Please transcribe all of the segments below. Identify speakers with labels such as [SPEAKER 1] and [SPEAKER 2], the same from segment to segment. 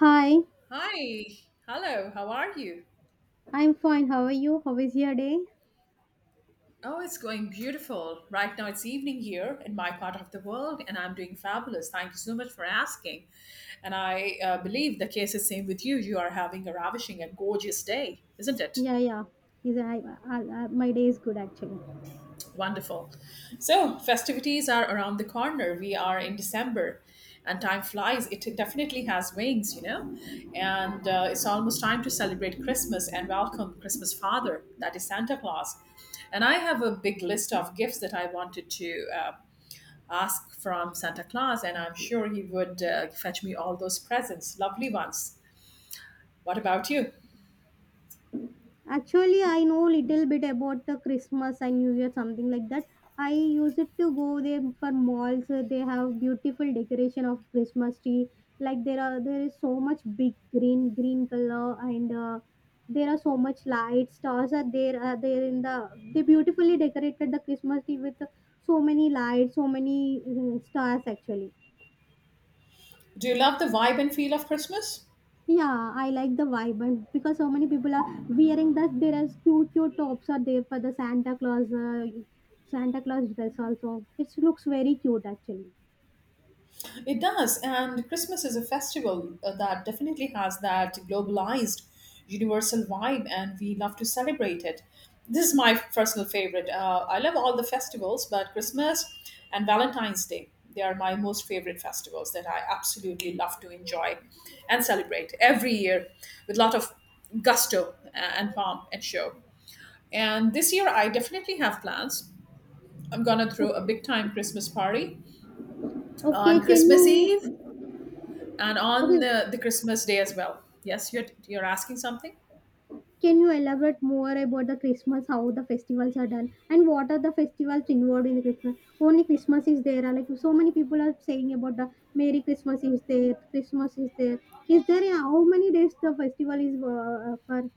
[SPEAKER 1] Hi,
[SPEAKER 2] Hi, hello, how are you?
[SPEAKER 1] I'm fine. How are you? How is your day?
[SPEAKER 2] Oh, it's going beautiful. Right now it's evening here in my part of the world, and I'm doing fabulous. Thank you so much for asking. And I believe the case is same with you. You are having a ravishing and gorgeous day, isn't it?
[SPEAKER 1] Yeah, yeah. Is I, my day is good actually.
[SPEAKER 2] Wonderful. So, festivities are around the corner. We are in December, and time flies. It definitely has wings, you know. And it's almost time to celebrate Christmas and welcome Christmas Father, that is Santa Claus. And I have a big list of gifts that I wanted to ask from Santa Claus, and I'm sure he would fetch me all those presents, lovely ones. What about you?
[SPEAKER 1] Actually, I know little bit about the Christmas and New Year, something like that. I used it to go there for malls. They have beautiful decoration of Christmas tree. Like there is so much big green color, and there are so much lights. Stars are there. Are there in the they beautifully decorated the Christmas tree with so many lights, so many stars actually.
[SPEAKER 2] Do you love the vibe and feel of Christmas?
[SPEAKER 1] Yeah, I like the vibe, and because so many people are wearing that, there are cute, cute tops are there for the Santa Claus, Santa Claus dress also. It looks very cute actually.
[SPEAKER 2] It does, and Christmas is a festival that definitely has that globalized, universal vibe, and we love to celebrate it. This is my personal favorite. I love all the festivals, but Christmas and Valentine's Day, they are my most favorite festivals that I absolutely love to enjoy and celebrate every year with a lot of gusto and pomp and show. And this year, I definitely have plans. I'm gonna throw
[SPEAKER 1] Okay,
[SPEAKER 2] a big time Christmas party
[SPEAKER 1] okay,
[SPEAKER 2] on
[SPEAKER 1] can
[SPEAKER 2] Christmas Eve
[SPEAKER 1] you
[SPEAKER 2] and on
[SPEAKER 1] okay,
[SPEAKER 2] the Christmas day as well. Yes, you're asking something.
[SPEAKER 1] can you elaborate more about the Christmas, how the festivals are done, and what are the festivals involved in the Christmas? Only Christmas is there. Like so many people are saying about the Merry Christmas is there, Christmas is there. How many days the festival is for?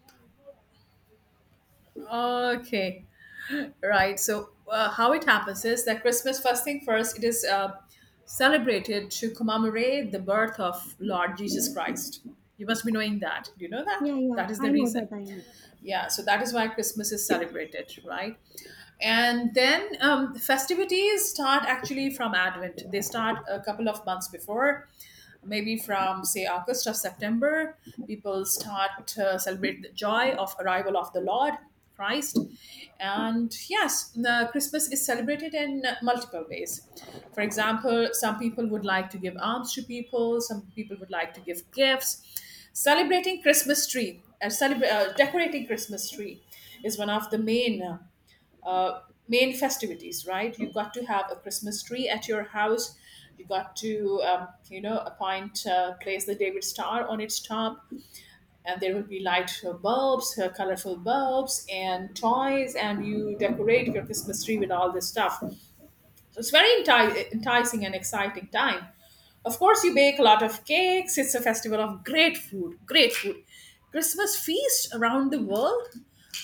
[SPEAKER 2] Okay, right. So how it happens is that Christmas, first thing first, it is celebrated to commemorate the birth of Lord Jesus Christ. You must be knowing that. Do you know that?
[SPEAKER 1] Yeah, yeah,
[SPEAKER 2] That is
[SPEAKER 1] I
[SPEAKER 2] the
[SPEAKER 1] know
[SPEAKER 2] reason.
[SPEAKER 1] that I know.
[SPEAKER 2] Yeah, so that is why Christmas is celebrated, right? And then festivities start actually from Advent. They start a couple of months before, maybe from say August or September. People start celebrate the joy of arrival of the Lord Christ. And yes, the Christmas is celebrated in multiple ways. For example, some people would like to give alms to people, some people would like to give gifts. Celebrating Christmas tree, decorating Christmas tree is one of the main uh, main festivities, right? You got to have a Christmas tree at your house. You got to, um, you know, appoint, place the David Star on its top. And there will be light bulbs, colorful bulbs, and toys, and you decorate your Christmas tree with all this stuff. So it's very enticing and exciting time. Of course, you bake a lot of cakes. It's a festival of great food, great food. Christmas feasts around the world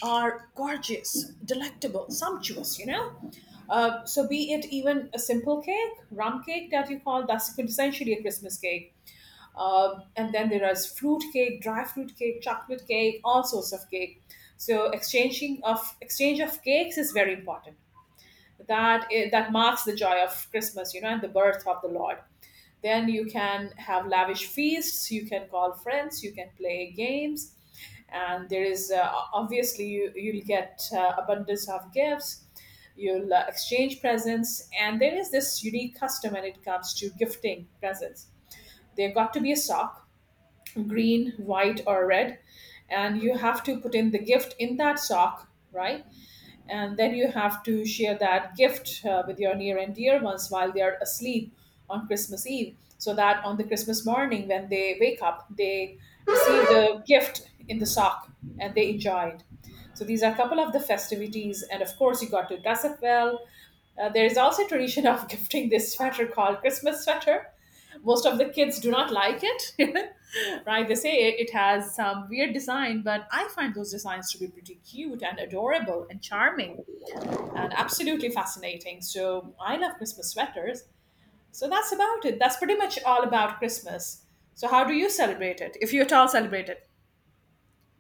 [SPEAKER 2] are gorgeous, delectable, sumptuous, you know? So be it even a simple cake, rum cake that you call, that's quintessentially a Christmas cake. And then there is fruit cake, dry fruit cake, chocolate cake, all sorts of cake. So exchanging of exchange of cakes is very important, that is, that marks the joy of Christmas, you know, and the birth of the Lord. Then you can have lavish feasts, you can call friends, you can play games. And there is, obviously, you'll get abundance of gifts. You'll exchange presents. And there is this unique custom when it comes to gifting presents. There got to be a sock, green, white or red, and you have to put in the gift in that sock, right? And then you have to share that gift with your near and dear ones while they are asleep on Christmas Eve, so that on the Christmas morning when they wake up they receive the gift in the sock and they enjoy it. So these are a couple of the festivities. And of course, you got to dress up well. There is also a tradition of gifting this sweater called Christmas sweater. Most of the kids do not like it. Right, they say it has some weird design, but I find those designs to be pretty cute and adorable and charming and absolutely fascinating. So I love Christmas sweaters. So that's about it. That's pretty much all about Christmas. So how do you celebrate it, if you at all celebrate it?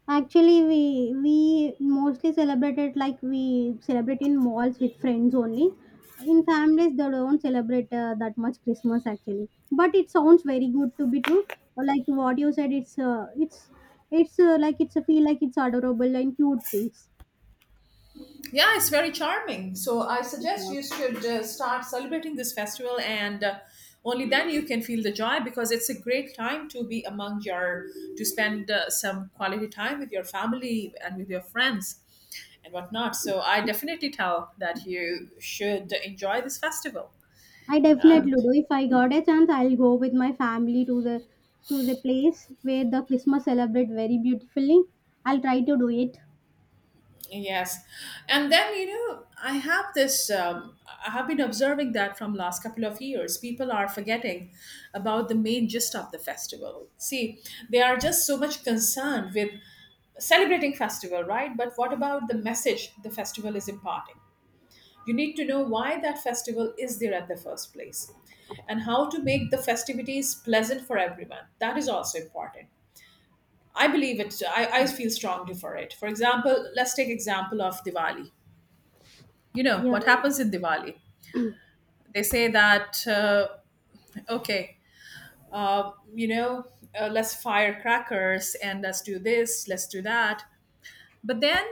[SPEAKER 1] Actually, we mostly celebrate it like we celebrate in malls with friends only. In families, they don't celebrate that much Christmas actually. But it sounds very good to be true. Like what you said, it's like it's a feel like it's adorable and cute things.
[SPEAKER 2] Yeah, it's very charming. So I suggest
[SPEAKER 1] Yeah.
[SPEAKER 2] you should start celebrating this festival, and only then you can feel the joy, because it's a great time to be among your to spend some quality time with your family and with your friends and whatnot. So I definitely tell that you should enjoy this festival.
[SPEAKER 1] I definitely do. If I got a chance, I'll go with my family to the place where the Christmas celebrate very beautifully. I'll try to do it.
[SPEAKER 2] Yes. And then, you know, I have I have been observing that from last couple of years. People are forgetting about the main gist of the festival. See, they are just so much concerned with celebrating festival, right? But what about the message the festival is imparting? You need to know why that festival is there at the first place, and how to make the festivities pleasant for everyone. That is also important. I believe it. I feel strongly for it. For example, let's take example of Diwali. You know
[SPEAKER 1] Yeah,
[SPEAKER 2] what happens in Diwali? They say that, okay you know, let's fire crackers, and let's do this, let's do that. But then,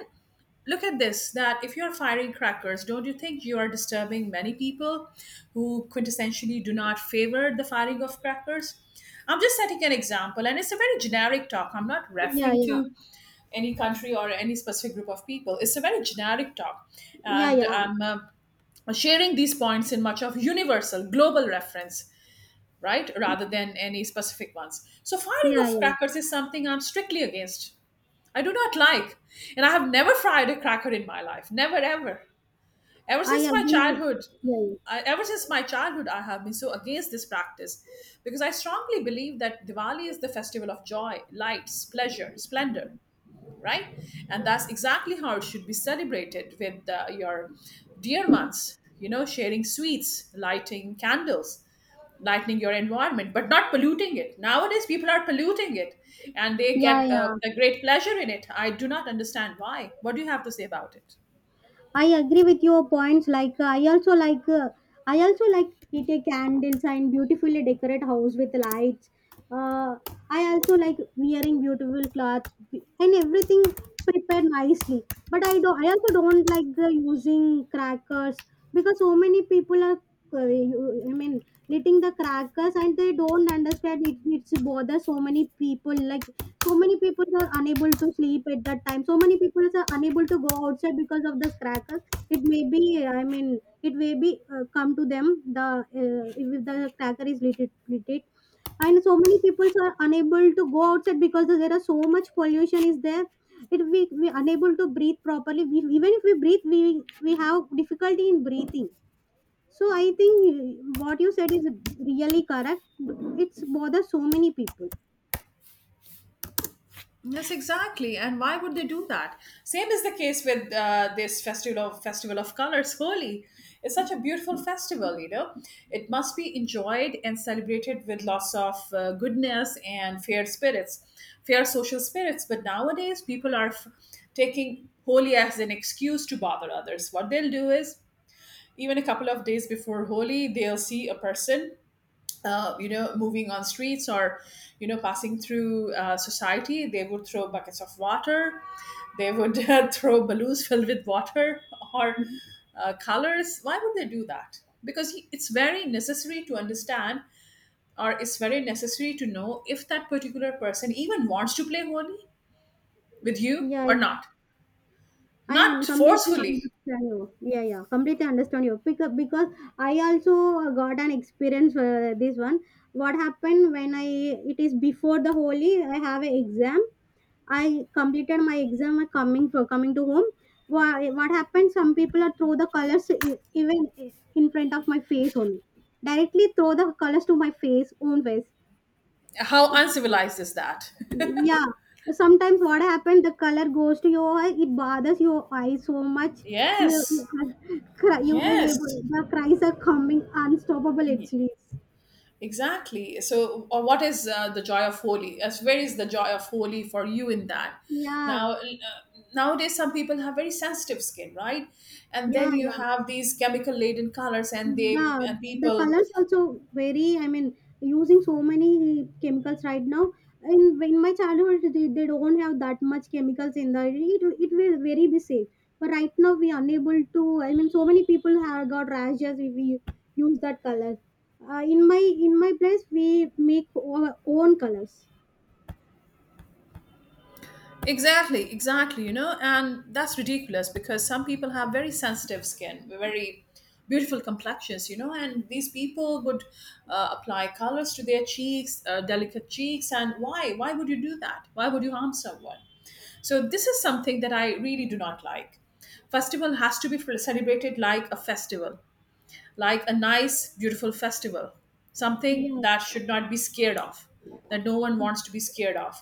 [SPEAKER 2] look at this, that if you're firing crackers, don't you think you are disturbing many people who quintessentially do not favor the firing of crackers? I'm just setting an example, and it's a very generic talk. I'm not
[SPEAKER 1] yeah,
[SPEAKER 2] referring
[SPEAKER 1] yeah,
[SPEAKER 2] to any country or any specific group of people. It's a very generic talk,
[SPEAKER 1] yeah,
[SPEAKER 2] and
[SPEAKER 1] yeah.
[SPEAKER 2] I'm sharing these points in much of universal global reference, right, rather than any specific ones. So firing
[SPEAKER 1] Yeah,
[SPEAKER 2] of
[SPEAKER 1] yeah.
[SPEAKER 2] crackers is something I'm strictly against. I do not like, and I have never fried a cracker in my life, never ever, ever
[SPEAKER 1] I
[SPEAKER 2] since my
[SPEAKER 1] agree with
[SPEAKER 2] childhood.
[SPEAKER 1] Yeah,
[SPEAKER 2] Ever since my childhood I have been so against this practice, because I strongly believe that Diwali is the festival of joy, lights, pleasure, splendor, right? And that's exactly how it should be celebrated with your dear ones, you know, sharing sweets, lighting candles, lightening your environment, but not polluting it. Nowadays, people are polluting it, and they
[SPEAKER 1] yeah, yeah,
[SPEAKER 2] get a
[SPEAKER 1] yeah.
[SPEAKER 2] great pleasure in it. I do not understand why. What do you have to say about it?
[SPEAKER 1] I agree with your points. Like I also like pretty candles and beautifully decorate house with lights. Uh, I also like wearing beautiful clothes and everything prepared nicely. But I don't. I also don't like the using crackers because so many people are. I mean, lighting the crackers and they don't understand it. It's bother so many people like so many people are unable to sleep at that time. So many people are unable to go outside because of the crackers. It may be, I mean, it may be come to them the if the cracker is lit it. And so many people are unable to go outside because there are so much pollution is there. It we unable to breathe properly. We, even if we breathe, we have difficulty in breathing. So I think what you said is really correct. It's bother so many people.
[SPEAKER 2] Yes, exactly. And why would they do that? Same is the case with this festival of colors, Holi. It's such a beautiful festival, you know. It must be enjoyed and celebrated with lots of goodness and fair spirits, fair social spirits. But nowadays, people are taking Holi as an excuse to bother others. What they'll do is, even a couple of days before Holi, they'll see a person you know, moving on streets, or, you know, passing through society, they would throw buckets of water. They would throw balloons filled with water or colors. Why would they do that? Because it's very necessary to understand, or it's very necessary to know if that particular person even wants to play Holi with you
[SPEAKER 1] Yeah,
[SPEAKER 2] or not. Not
[SPEAKER 1] Completely
[SPEAKER 2] forcefully.
[SPEAKER 1] understand you. Yeah, yeah, completely understand you. Because I also got an experience this one. What happened when I it is before the holy? I have an exam. I completed my exam and coming to home. What happened? Some people are throw the colors even in front of my face only. Directly throw the colors to my face, own face.
[SPEAKER 2] How uncivilized is that?
[SPEAKER 1] Yeah. Sometimes what happened, the color goes to your eye, it bothers your eyes so much. You
[SPEAKER 2] Yes.
[SPEAKER 1] can cry, you can able
[SPEAKER 2] Yes.
[SPEAKER 1] the cries are coming unstoppable it is.
[SPEAKER 2] Exactly. So, or what is the joy of Holy? As where is the joy of Holy for you in that?
[SPEAKER 1] Yeah,
[SPEAKER 2] Now, nowadays, some people have very sensitive skin, right? And
[SPEAKER 1] yeah,
[SPEAKER 2] then you
[SPEAKER 1] yeah.
[SPEAKER 2] have these chemical laden colors, and they
[SPEAKER 1] The
[SPEAKER 2] and
[SPEAKER 1] the
[SPEAKER 2] people.
[SPEAKER 1] colors also vary. I mean, using so many chemicals right now. In my childhood, they don't have that much chemicals in the. It will very be safe. But right now, we are unable to. I mean, so many people have got rashes if we use that color. In my place, we make our own colors.
[SPEAKER 2] Exactly, exactly, you know, and that's ridiculous because some people have very sensitive skin, very beautiful complexions, you know, and these people would apply colors to their cheeks, delicate cheeks, and why? Why would you do that? Why would you harm someone? So this is something that I really do not like. Festival has to be celebrated like a festival, like a nice, beautiful festival, something
[SPEAKER 1] Yeah,
[SPEAKER 2] that should not be scared of, that no one wants to be scared of.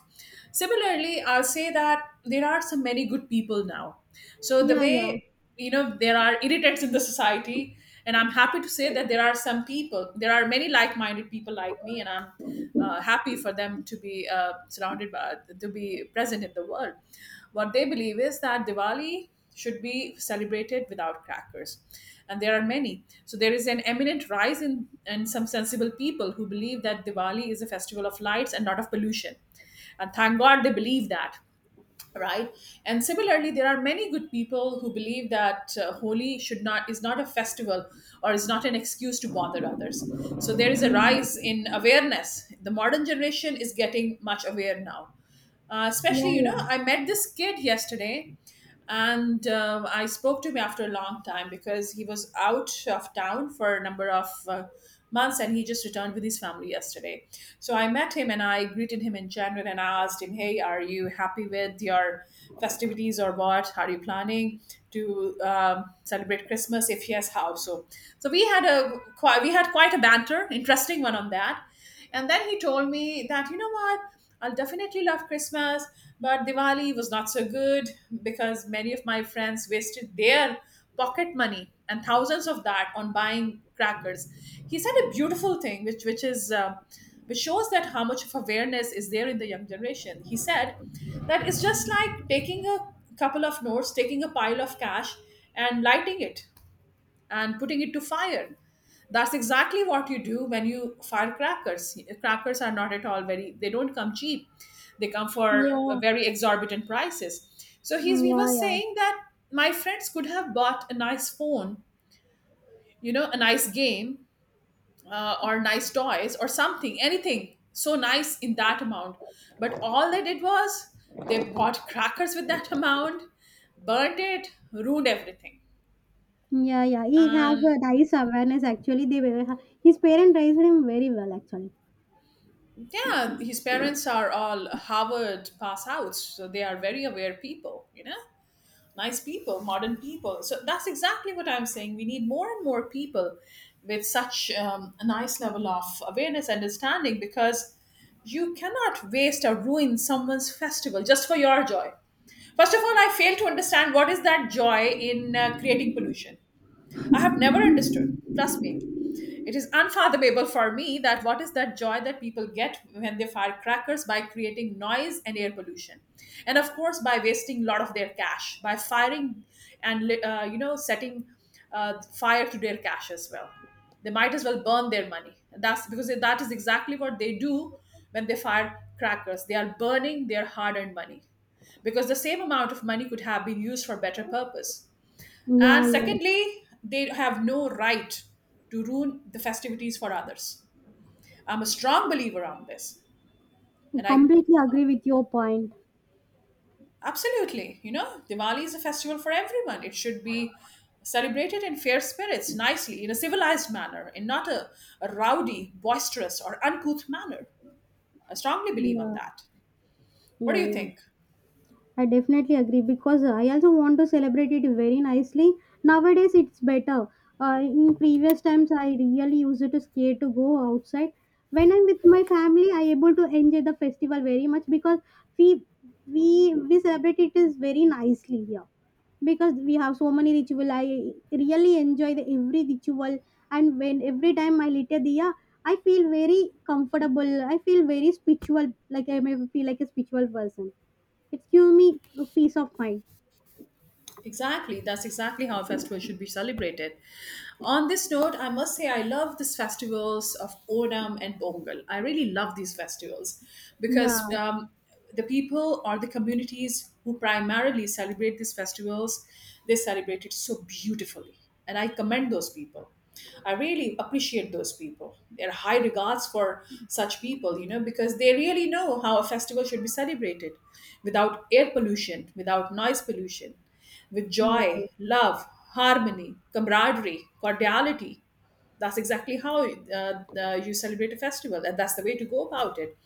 [SPEAKER 2] Similarly, I'll say that there are so many good people now. So the
[SPEAKER 1] yeah, yeah,
[SPEAKER 2] way, there are irritants in the society, and I'm happy to say that there are some people, there are many like-minded people like me, and I'm happy for them to be surrounded by, to be present in the world. What they believe is that Diwali should be celebrated without crackers. And there are many, so there is an eminent rise in some sensible people who believe that Diwali is a festival of lights and not of pollution. And thank God they believe that, right. And similarly there are many good people who believe that holi should not is not a festival or is not an excuse to bother others. So there is a rise in awareness. The modern generation is getting much aware now.
[SPEAKER 1] yeah,
[SPEAKER 2] Especially,
[SPEAKER 1] yeah,
[SPEAKER 2] I met this kid yesterday, and I spoke to him after a long time because he was out of town for a number of months, and he just returned with his family yesterday. So I met him and I greeted him in general, and I asked him, hey, are you happy with your festivities, or what are you planning to celebrate Christmas, if yes, how so? So we had a quite we had quite a banter, interesting one on that. And then he told me that, you know what, I'll definitely love Christmas, but Diwali was not so good because many of my friends wasted their pocket money and thousands of that on buying crackers. He said a beautiful thing, which is. Which shows that how much of awareness is there in the young generation. He said that it's just like taking a couple of notes, taking a pile of cash, and lighting it and putting it to fire. That's exactly what you do when you fire crackers. Crackers are not at all very, they don't come cheap. They come for
[SPEAKER 1] yeah.
[SPEAKER 2] very exorbitant prices.
[SPEAKER 1] Mm,
[SPEAKER 2] He
[SPEAKER 1] yeah,
[SPEAKER 2] was
[SPEAKER 1] yeah.
[SPEAKER 2] saying that my friends could have bought a nice phone, you know, a nice game, or nice toys or something, anything so nice in that amount. But all they did was they bought crackers with that amount, burnt it, ruined everything,
[SPEAKER 1] Yeah, yeah. He have
[SPEAKER 2] and
[SPEAKER 1] a nice awareness actually. They were, his parent raised him very well actually.
[SPEAKER 2] yeah, his parents are all Harvard pass outs, so they are very aware people, you know, nice people, modern people. So that's exactly what I'm saying. We need more and more people with such a nice level of awareness, understanding, because you cannot waste or ruin someone's festival just for your joy. First of all, I fail to understand what is that joy in creating pollution. I have never understood. Trust me. It is unfathomable for me that what is that joy that people get when they fire crackers by creating noise and air pollution, and of course by wasting a lot of their cash by firing and setting fire to their cash as well. They might as well burn their money. That's because that is exactly what they do when they fire crackers. They are burning their hard-earned money because the same amount of money could have been used for better purpose.
[SPEAKER 1] Yeah,
[SPEAKER 2] And
[SPEAKER 1] yeah.
[SPEAKER 2] secondly, they have no right to ruin the festivities for others. I'm a strong believer on this.
[SPEAKER 1] I
[SPEAKER 2] And I
[SPEAKER 1] completely agree with your point.
[SPEAKER 2] absolutely, Diwali is a festival for everyone. It should be celebrated in fair spirits, nicely, in a civilized manner, in not a rowdy, boisterous, or uncouth manner. I strongly believe on
[SPEAKER 1] Yeah,
[SPEAKER 2] that. What do
[SPEAKER 1] yeah,
[SPEAKER 2] you
[SPEAKER 1] yeah.
[SPEAKER 2] think?
[SPEAKER 1] I definitely agree because I also want to celebrate it very nicely. Nowadays, it's better. In previous times, I really used to scare to go outside. When I'm with my family, I able to enjoy the festival very much because we we celebrate it is very nicely here because we have so many ritual. I really enjoy the every ritual, and when every time I light a diya, I feel very comfortable. I feel very spiritual, like I may feel like a spiritual person it's give me a peace of mind.
[SPEAKER 2] Exactly, that's exactly how a festival should be celebrated. On this note, I must say I love these festivals of Onam and Pongal. I really love these festivals
[SPEAKER 1] Yeah,
[SPEAKER 2] because the people or the communities who primarily celebrate these festivals, they celebrate it so beautifully. And I commend those people. I really appreciate those people. There are high regards for such people, you know, because they really know how a festival should be celebrated without air pollution, without noise pollution, with
[SPEAKER 1] yeah.
[SPEAKER 2] joy, love, harmony, camaraderie, cordiality. That's exactly how you celebrate a festival, and that's the way to go about it.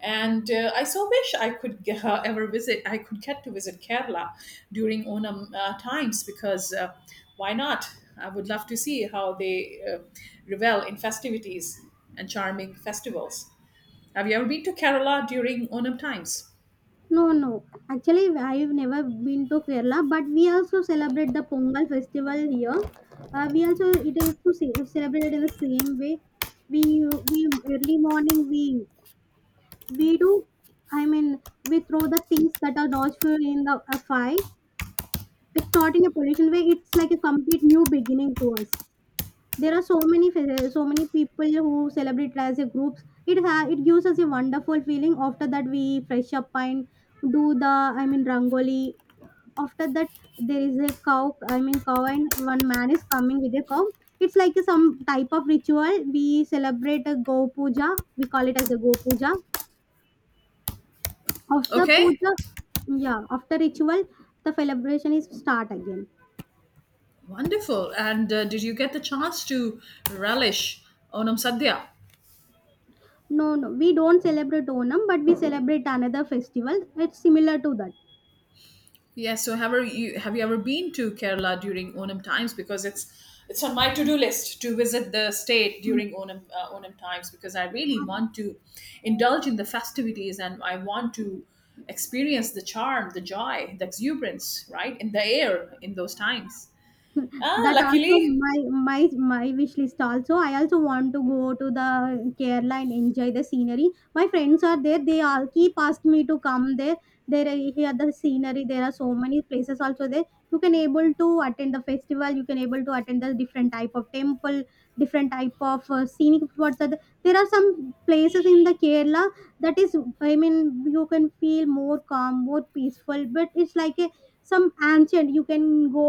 [SPEAKER 2] And I so wish I could ever visit, I could get to visit Kerala during Onam times because why not? I would love to see how they revel in festivities and charming festivals. Have you ever been to Kerala during Onam times?
[SPEAKER 1] No, no. Actually, I've never been to Kerala, but we also celebrate the Pongal festival here. We also it is to celebrated in the same way. We we early morning we do. I mean, we throw the things that are not fuel in the a fire. It's not in a pollution way. It's like a complete new beginning to us. There are so many so many people who celebrate as a groups. It gives us a wonderful feeling. After that, we fresh up and do the I mean rangoli. After that, there is a cow. I mean cow and one man is coming with a cow. It's like a, some type of ritual. We celebrate a go puja. We call it as a go puja. After
[SPEAKER 2] Okay.
[SPEAKER 1] puja, yeah, after ritual, the celebration is start again.
[SPEAKER 2] Wonderful. And did you get the chance to relish Onam Sadhya?
[SPEAKER 1] No, no, we don't celebrate Onam, but we celebrate another festival. It's similar to that.
[SPEAKER 2] Yes. So have you ever been to Kerala during Onam times? Because it's on my to do list to visit the state during Onam times because I really want to indulge in the festivities and I want to experience the charm, the joy, the exuberance, right, in the air in those times. Ah,
[SPEAKER 1] That also
[SPEAKER 2] luckily.
[SPEAKER 1] my my wish list, also I also want to go to the Kerala and enjoy the scenery. My friends are there, they all keep asking me to come there. Here the scenery, there are so many places also there. You can able to attend the festival, you can able to attend the different type of temple, different type of scenic spots are there. There are some places in the Kerala that is, I mean, you can feel more calm, more peaceful, but it's like a some ancient, you can go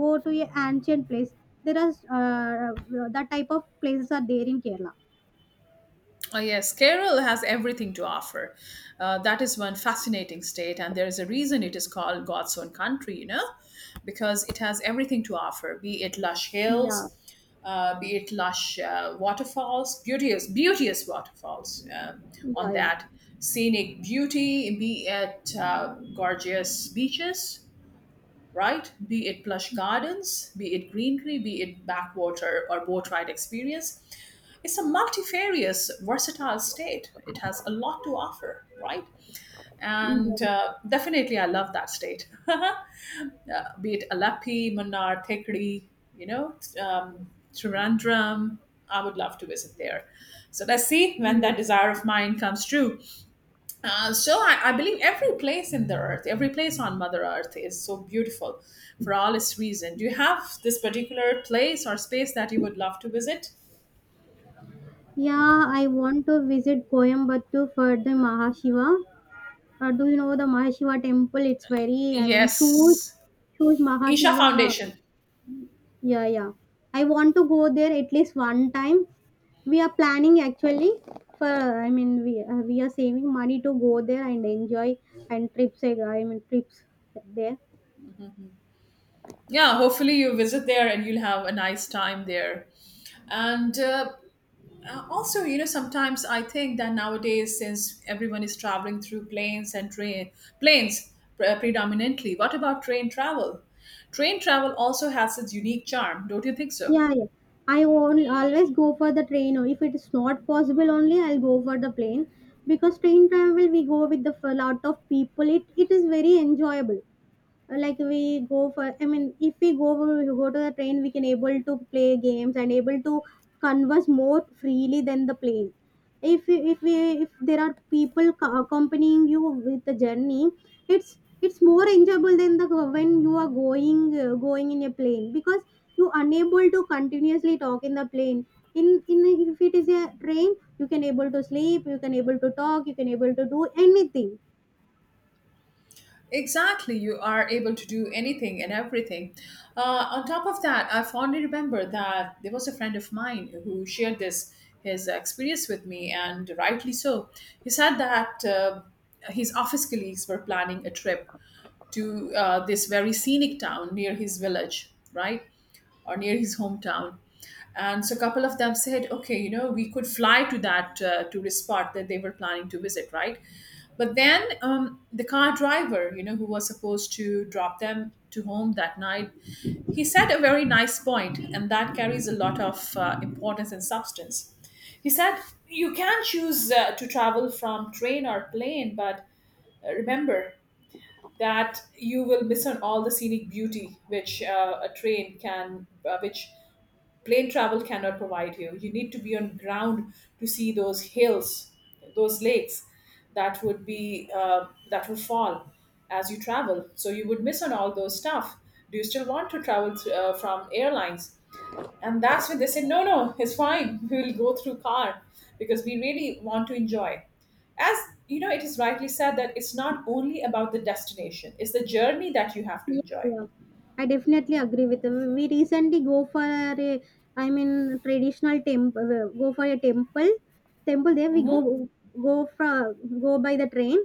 [SPEAKER 1] go to a ancient place. There are that type of places are there in Kerala.
[SPEAKER 2] Oh, yes, Kerala has everything to offer. That is one fascinating state, and there is a reason it is called God's own country, you know, because it has everything to offer, be it lush
[SPEAKER 1] yeah
[SPEAKER 2] hills, be it lush waterfalls, beauteous, beauteous waterfalls, on
[SPEAKER 1] yeah yeah
[SPEAKER 2] that, scenic beauty, be it gorgeous beaches, right? Be it plush gardens, be it greenery, be it backwater or boat ride experience, it's a multifarious, versatile state. It has a lot to offer, right? And
[SPEAKER 1] yeah
[SPEAKER 2] definitely, I love that state. Be it Alapi, Munnar, Thekri, you know, Trivandrum, I would love to visit there. So let's see when
[SPEAKER 1] yeah,
[SPEAKER 2] that desire of mine comes true. So I believe every place in the earth, every place on Mother Earth is so beautiful for all its reason. Do you have this particular place or space that you would love to visit?
[SPEAKER 1] yeah. I want to visit Coimbatore for the Mahashiva. Do you know the Mahashiva temple? It's very, I mean, huge,
[SPEAKER 2] Yes.
[SPEAKER 1] huge
[SPEAKER 2] Isha
[SPEAKER 1] Mahashiva.
[SPEAKER 2] Foundation.
[SPEAKER 1] Yeah, yeah. I want to go there at least one time. We are planning actually for, I mean, we are saving money to go there and enjoy and trips, I mean trips there.
[SPEAKER 2] Yeah, hopefully you visit there and you'll have a nice time there. And also, you know, sometimes I think that nowadays, since everyone is traveling through planes and train planes, predominantly, what about train travel? Train travel also has its unique charm, don't you think so?
[SPEAKER 1] Yeah, yeah. I only always go for the train, or if it is not possible, only I'll go for the plane because train travel we go with the lot of people. It is very enjoyable. Like we go for, I mean, if we go we go to the train, we can able to play games and able to converse more freely than the plane. If we, if there are people accompanying you with the journey, it's more enjoyable than the when you are going going in a plane because you unable to continuously talk in the plane. In in if it is a train, you can able to sleep, you can able to talk, you can able to do anything.
[SPEAKER 2] Exactly, you are able to do anything and everything. On top of that, I fondly remember that there was a friend of mine who shared this, his experience with me, and rightly so. He said that his office colleagues were planning a trip to this very scenic town near his village, right? Or near his hometown. And so a couple of them said, okay, you know, we could fly to that tourist spot that they were planning to visit, right? But then the car driver, you know, who was supposed to drop them to home that night, he said a very nice point, and that carries a lot of importance and substance. He said, you can choose to travel from train or plane, but remember, that you will miss on all the scenic beauty which a train can which plane travel cannot provide you. You need to be on ground to see those hills, those lakes, that would be that would fall as you travel, so you would miss on all those stuff. Do you still want to travel from airlines? And that's when they said, no, no, it's fine, we will go through car because we really want to enjoy. As you know, it is rightly said that it's not only about the destination, it's the journey that you have to
[SPEAKER 1] Yeah,
[SPEAKER 2] enjoy.
[SPEAKER 1] yeah. I definitely agree with you. We recently go for a, I mean, traditional temple. Go for a temple. There we
[SPEAKER 2] Hmm.
[SPEAKER 1] go, go for Go by the train.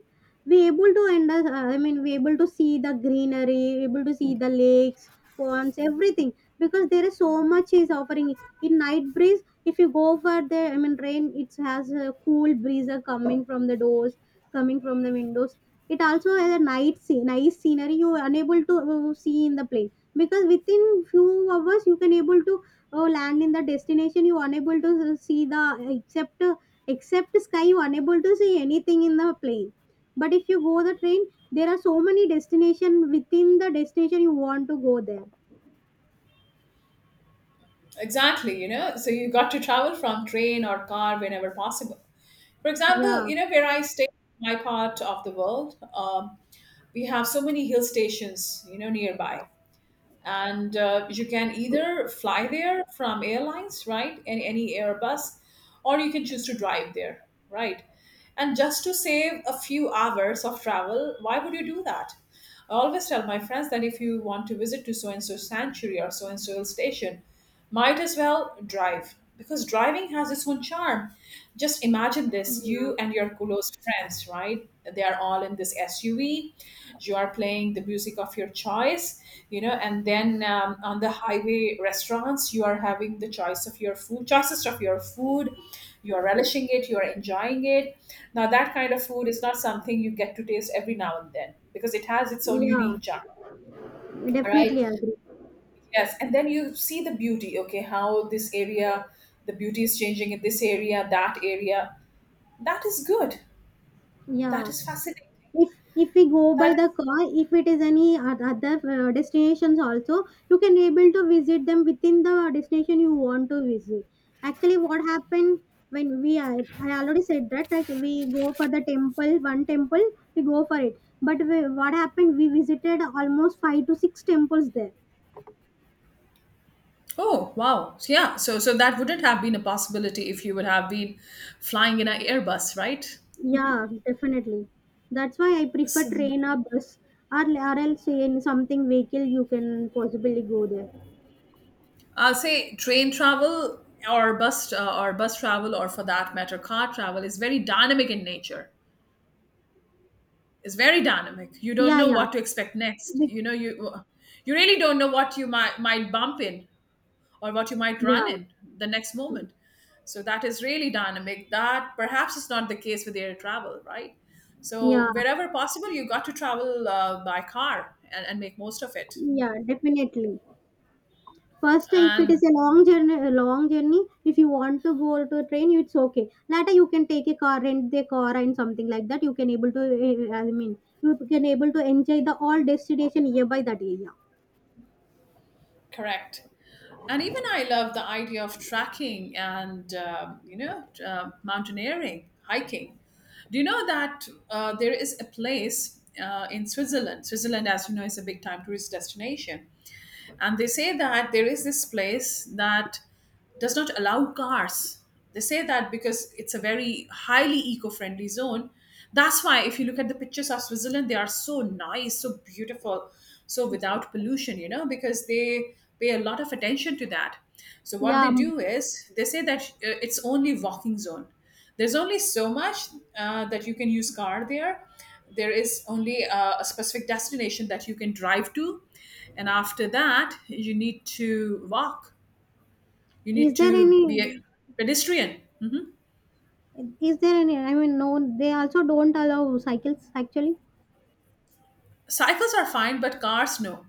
[SPEAKER 1] We able to I mean, we able to see the greenery, able to see the lakes, ponds, everything. Because there is so much is offering in night breeze. If you go for the, I mean, rain. It has a cool breeze are coming from the doors, coming from the windows. It also has a night scene, nice scenery you are unable to see in the plane because within few hours you can able to land in the destination. You unable to see the except except sky. You unable to see anything in the plane. But if you go the train, there are so many destination within the destination you want to go there.
[SPEAKER 2] Exactly, you know, so you got to travel from train or car whenever possible. For
[SPEAKER 1] Yeah,
[SPEAKER 2] example, you know where I stay, my part of the world, we have so many hill stations, you know, nearby, and you can either fly there from airlines, right, and any airbus, or you can choose to drive there, right. And just to save a few hours of travel, why would you do that? I always tell my friends that if you want to visit to so and so sanctuary or so and so hill station, might as well drive because driving has its own charm. Just imagine this,
[SPEAKER 1] yeah,
[SPEAKER 2] you and your close friends, right? They are all in this SUV. You are playing the music of your choice, you know, and then on the highway restaurants, you are having the choice of your food, choices of your food. You are relishing it, you are enjoying it now, that kind of food is not something you get to taste every now and then because it has its own
[SPEAKER 1] yeah.
[SPEAKER 2] unique charm. All right.
[SPEAKER 1] Definitely agree.
[SPEAKER 2] Yes. And then you see the beauty, okay, how this area, the beauty is changing in this area. That is good. That
[SPEAKER 1] Yeah.
[SPEAKER 2] is fascinating.
[SPEAKER 1] If if we go by
[SPEAKER 2] That
[SPEAKER 1] the
[SPEAKER 2] is,
[SPEAKER 1] car, if it is any other destinations also, you can able to visit them within the destination you want to visit. Actually, what happened when we are, I already said that like we go for the temple, one temple, we go for it. But we, what happened? We visited almost five to six temples there.
[SPEAKER 2] oh wow! So, yeah, so so that wouldn't have been a possibility if you would have been flying in an Airbus, right?
[SPEAKER 1] Yeah, definitely. That's why I prefer
[SPEAKER 2] So,
[SPEAKER 1] train or bus, or else in something vehicle you can possibly go there.
[SPEAKER 2] I'll say train travel or bus travel or for that matter car travel is very dynamic in nature. Is very dynamic. You don't
[SPEAKER 1] Yeah,
[SPEAKER 2] know
[SPEAKER 1] yeah.
[SPEAKER 2] what to expect next.
[SPEAKER 1] Be-
[SPEAKER 2] You know, you really don't know what you might bump in or what you might
[SPEAKER 1] yeah.
[SPEAKER 2] run in the next moment. So that is really dynamic. That perhaps is not the case with air travel, right?
[SPEAKER 1] Yeah,
[SPEAKER 2] So wherever possible, you got to travel by car and make most of it.
[SPEAKER 1] yeah, definitely. First, if it is
[SPEAKER 2] And
[SPEAKER 1] a long journey, if you want to go to a train, it's okay. Later, you can take a car, rent the car, and something like that. You can able to, eh, I mean, you can able to enjoy the all destination nearby that area.
[SPEAKER 2] correct. And even I love the idea of trekking and mountaineering, hiking. Do you know that there is a place in Switzerland? Switzerland as you know is a big time tourist destination, and they say that there is this place that does not allow cars. They say that because it's a very highly eco-friendly zone. That's why if you look at the pictures of Switzerland, they are so nice, so beautiful. So without pollution, you know, because they pay a lot of attention to that. So what
[SPEAKER 1] Yeah,
[SPEAKER 2] they
[SPEAKER 1] m-
[SPEAKER 2] do is they say that it's only walking zone. There's only so much that you can use car there. There is only a specific destination that you can drive to, and after that you need to walk. You
[SPEAKER 1] is
[SPEAKER 2] need
[SPEAKER 1] there
[SPEAKER 2] to be a
[SPEAKER 1] any?
[SPEAKER 2] pedestrian.
[SPEAKER 1] Is there any? I mean, no, they also don't allow cycles actually.
[SPEAKER 2] Cycles are fine, but cars no.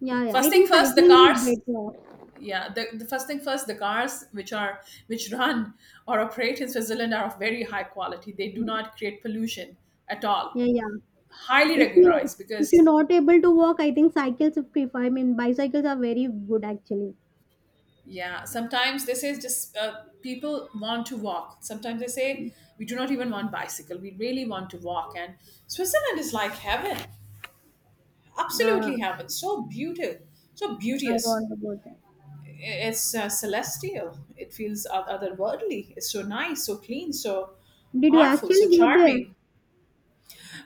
[SPEAKER 1] Yeah, yeah.
[SPEAKER 2] First
[SPEAKER 1] I
[SPEAKER 2] thing
[SPEAKER 1] think
[SPEAKER 2] first, the
[SPEAKER 1] cycling is
[SPEAKER 2] cars.
[SPEAKER 1] better.
[SPEAKER 2] Yeah, the first thing first, the cars which are, which run or operate in Switzerland are of very high quality. They do not create pollution at all.
[SPEAKER 1] Yeah, yeah.
[SPEAKER 2] Highly
[SPEAKER 1] If you,
[SPEAKER 2] regularized
[SPEAKER 1] if you're
[SPEAKER 2] because,
[SPEAKER 1] not able to walk, I think cycles are prefer. I mean, bicycles are very good actually.
[SPEAKER 2] yeah, sometimes they say just people want to walk. Sometimes they say we do not even want bicycle, we really want to walk. And Switzerland is like heaven.
[SPEAKER 1] Uh,
[SPEAKER 2] Absolutely heaven! So beautiful, so
[SPEAKER 1] I
[SPEAKER 2] beauteous.
[SPEAKER 1] want about that.
[SPEAKER 2] It's celestial. It feels otherworldly. It's so nice, so clean, so
[SPEAKER 1] Did you
[SPEAKER 2] powerful,
[SPEAKER 1] actually
[SPEAKER 2] so
[SPEAKER 1] go there?
[SPEAKER 2] charming.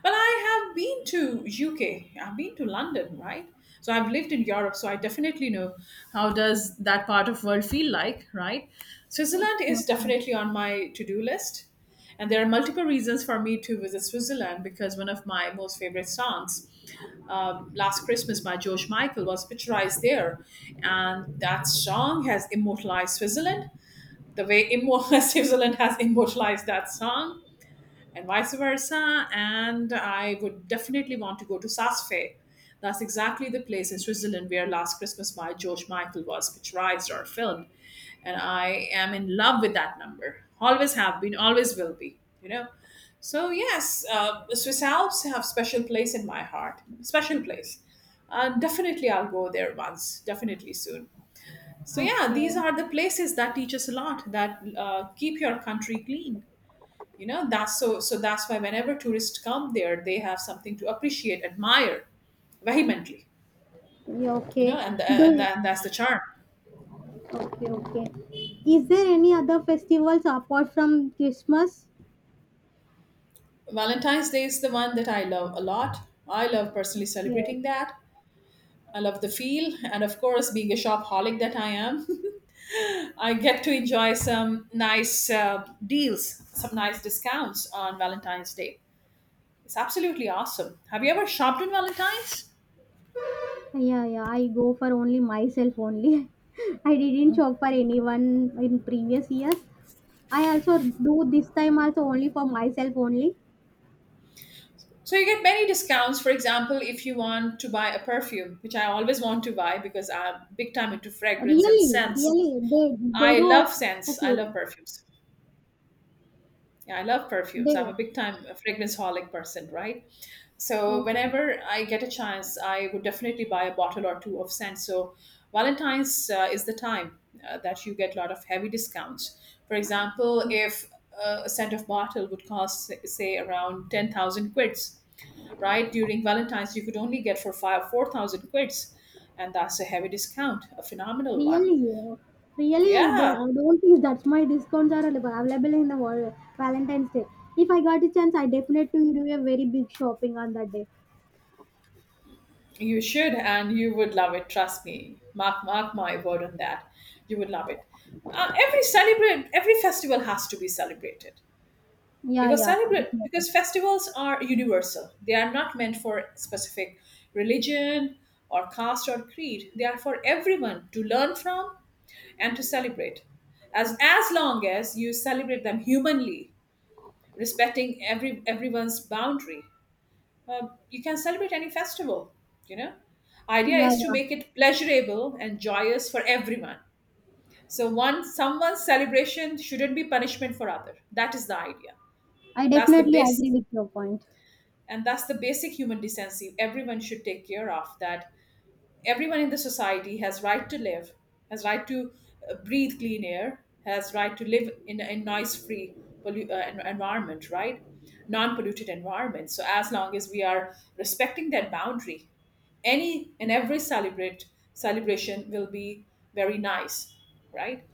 [SPEAKER 2] Well, I have been to UK. I've been to London, right? So I've lived in Europe, so I definitely know how does that part of world feel like, right? Switzerland is
[SPEAKER 1] Okay.
[SPEAKER 2] definitely on my to-do list. And there are multiple reasons for me to visit Switzerland, because one of my most favorite songs, Last Christmas by George Michael, was picturized there. And that song has immortalized Switzerland. Switzerland has immortalized that song and vice versa. And I would definitely want to go to Saas-Fee. That's exactly the place in Switzerland where Last Christmas by George Michael was picturized or filmed. And I am in love with that number. Always have been, always will be, you know. So, yes, the Swiss Alps have special place in my heart. Special place. Definitely, I'll go there once, definitely soon. So, yeah,
[SPEAKER 1] Okay.
[SPEAKER 2] these are the places that teach us a lot, that keep your country clean, you know. That's that's why whenever tourists come there, they have something to appreciate, admire vehemently,
[SPEAKER 1] Yeah,
[SPEAKER 2] you know.
[SPEAKER 1] okay.
[SPEAKER 2] And,
[SPEAKER 1] Do you?
[SPEAKER 2] that's the charm.
[SPEAKER 1] Okay, okay. Is there any other festivals apart from Christmas?
[SPEAKER 2] Valentine's Day is the one that I love a lot. I love personally
[SPEAKER 1] Yeah.
[SPEAKER 2] celebrating that. I love the feel, and of course, being a shopaholic that I am, I get to enjoy some nice deals, some nice discounts on Valentine's Day. It's absolutely awesome. Have you ever shopped on Valentine's?
[SPEAKER 1] Yeah, yeah. I go for only myself only. I didn't shop for anyone in previous years. I also do this time also only for myself only.
[SPEAKER 2] So you get many discounts. For example, if you want to buy a perfume, which I always want to buy because I'm big time into fragrance and
[SPEAKER 1] Really,
[SPEAKER 2] scents.
[SPEAKER 1] really, they
[SPEAKER 2] I
[SPEAKER 1] do.
[SPEAKER 2] love
[SPEAKER 1] Op-
[SPEAKER 2] scents. I
[SPEAKER 1] okay,
[SPEAKER 2] love perfumes. Yeah, I love perfumes.
[SPEAKER 1] they
[SPEAKER 2] I'm a big time fragrance holic person, right? So
[SPEAKER 1] okay.
[SPEAKER 2] whenever I get a chance, I would definitely buy a bottle or two of scent. So Valentine's is the time that you get a lot of heavy discounts. For example, if a scent of bottle would cost say around 10,000 quids, right? During Valentine's, you could only get for five, 4,000 quids. And that's a heavy discount, a phenomenal one.
[SPEAKER 1] Really, really,
[SPEAKER 2] Yeah,
[SPEAKER 1] I don't think that's my discounts are available in the Valentine's Day. If I got a chance, I definitely do a very big shopping on that day.
[SPEAKER 2] you should, and you would love it. Trust me. Mark my word on that. You would love it. Every festival has to be celebrated,
[SPEAKER 1] Yeah,
[SPEAKER 2] because
[SPEAKER 1] yeah,
[SPEAKER 2] celebrate
[SPEAKER 1] definitely.
[SPEAKER 2] because festivals are universal. They are not meant for specific religion or caste or creed. They are for everyone to learn from and to celebrate. As long as you celebrate them humanly, respecting everyone's boundary, you can celebrate any festival, you know. Idea
[SPEAKER 1] Yeah,
[SPEAKER 2] is to
[SPEAKER 1] yeah.
[SPEAKER 2] make it pleasurable and joyous for everyone. So one someone's celebration shouldn't be punishment for other. That is the idea.
[SPEAKER 1] I
[SPEAKER 2] and that's the
[SPEAKER 1] definitely
[SPEAKER 2] base
[SPEAKER 1] agree with your point.
[SPEAKER 2] and that's the basic human decency. Everyone should take care of that. Everyone in the society has right to live, has right to breathe clean air, has right to live in a noise free, environment, right, non polluted environment. So as long as we are respecting that boundary, any and every celebrate celebration will be very nice, right.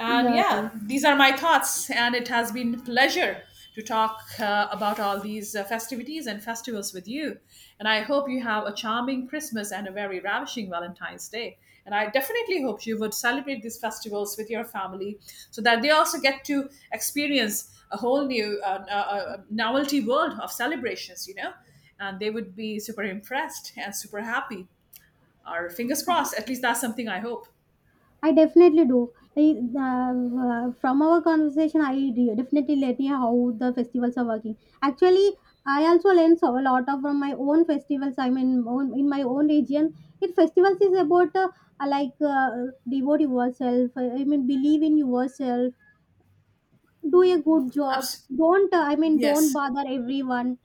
[SPEAKER 2] And
[SPEAKER 1] Yeah, yeah.
[SPEAKER 2] yeah, these are my thoughts. And it has been pleasure to talk about all these festivities and festivals with you. And I hope you have a charming Christmas and a very ravishing Valentine's Day. And I definitely hope you would celebrate these festivals with your family so that they also get to experience a whole new novelty world of celebrations, you know? And they would be super impressed and super happy. Or fingers crossed, at least that's something I hope.
[SPEAKER 1] I definitely do. I, from our conversation, definitely let me how the festivals are working. Actually, I also learn so a lot of from my own festivals. I mean, own, in my own region, it festivals is about like uh, devote yourself. I mean, believe in yourself. Do a good job.
[SPEAKER 2] Abs-
[SPEAKER 1] Don't I mean, don't
[SPEAKER 2] yes.
[SPEAKER 1] bother everyone.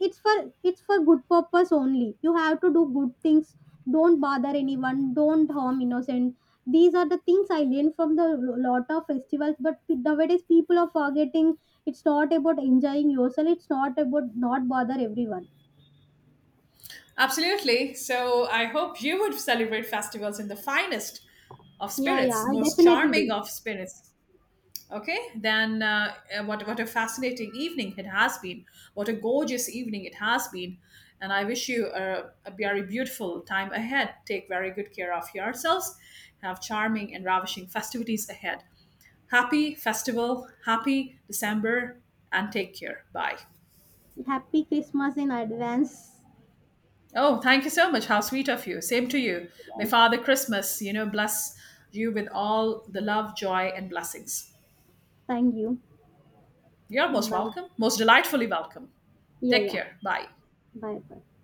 [SPEAKER 1] It's for, it's for good purpose only, you have to do good things, don't bother anyone, don't harm innocent. These are the things I learned from the lot of festivals, but nowadays people are forgetting. It's not about enjoying yourself, it's not about not bother everyone.
[SPEAKER 2] Absolutely. So I hope you would celebrate festivals in the finest of
[SPEAKER 1] Yeah, yeah,
[SPEAKER 2] spirits,
[SPEAKER 1] I
[SPEAKER 2] most
[SPEAKER 1] definitely
[SPEAKER 2] charming
[SPEAKER 1] do.
[SPEAKER 2] of spirits. Okay, then what a fascinating evening it has been. What a gorgeous evening it has been. And I wish you a very beautiful time ahead. Take very good care of yourselves. Have charming and ravishing festivities ahead. Happy festival, happy December, and take care. Bye.
[SPEAKER 1] Happy Christmas in advance.
[SPEAKER 2] Oh, thank you so much. How sweet of you. Same to you. May
[SPEAKER 1] Yeah,
[SPEAKER 2] Father Christmas, you know, bless you with all the love, joy, and blessings.
[SPEAKER 1] thank you.
[SPEAKER 2] You're most
[SPEAKER 1] Bye.
[SPEAKER 2] welcome, most delightfully welcome.
[SPEAKER 1] Yeah,
[SPEAKER 2] Take
[SPEAKER 1] yeah.
[SPEAKER 2] care. Bye.
[SPEAKER 1] Bye bye.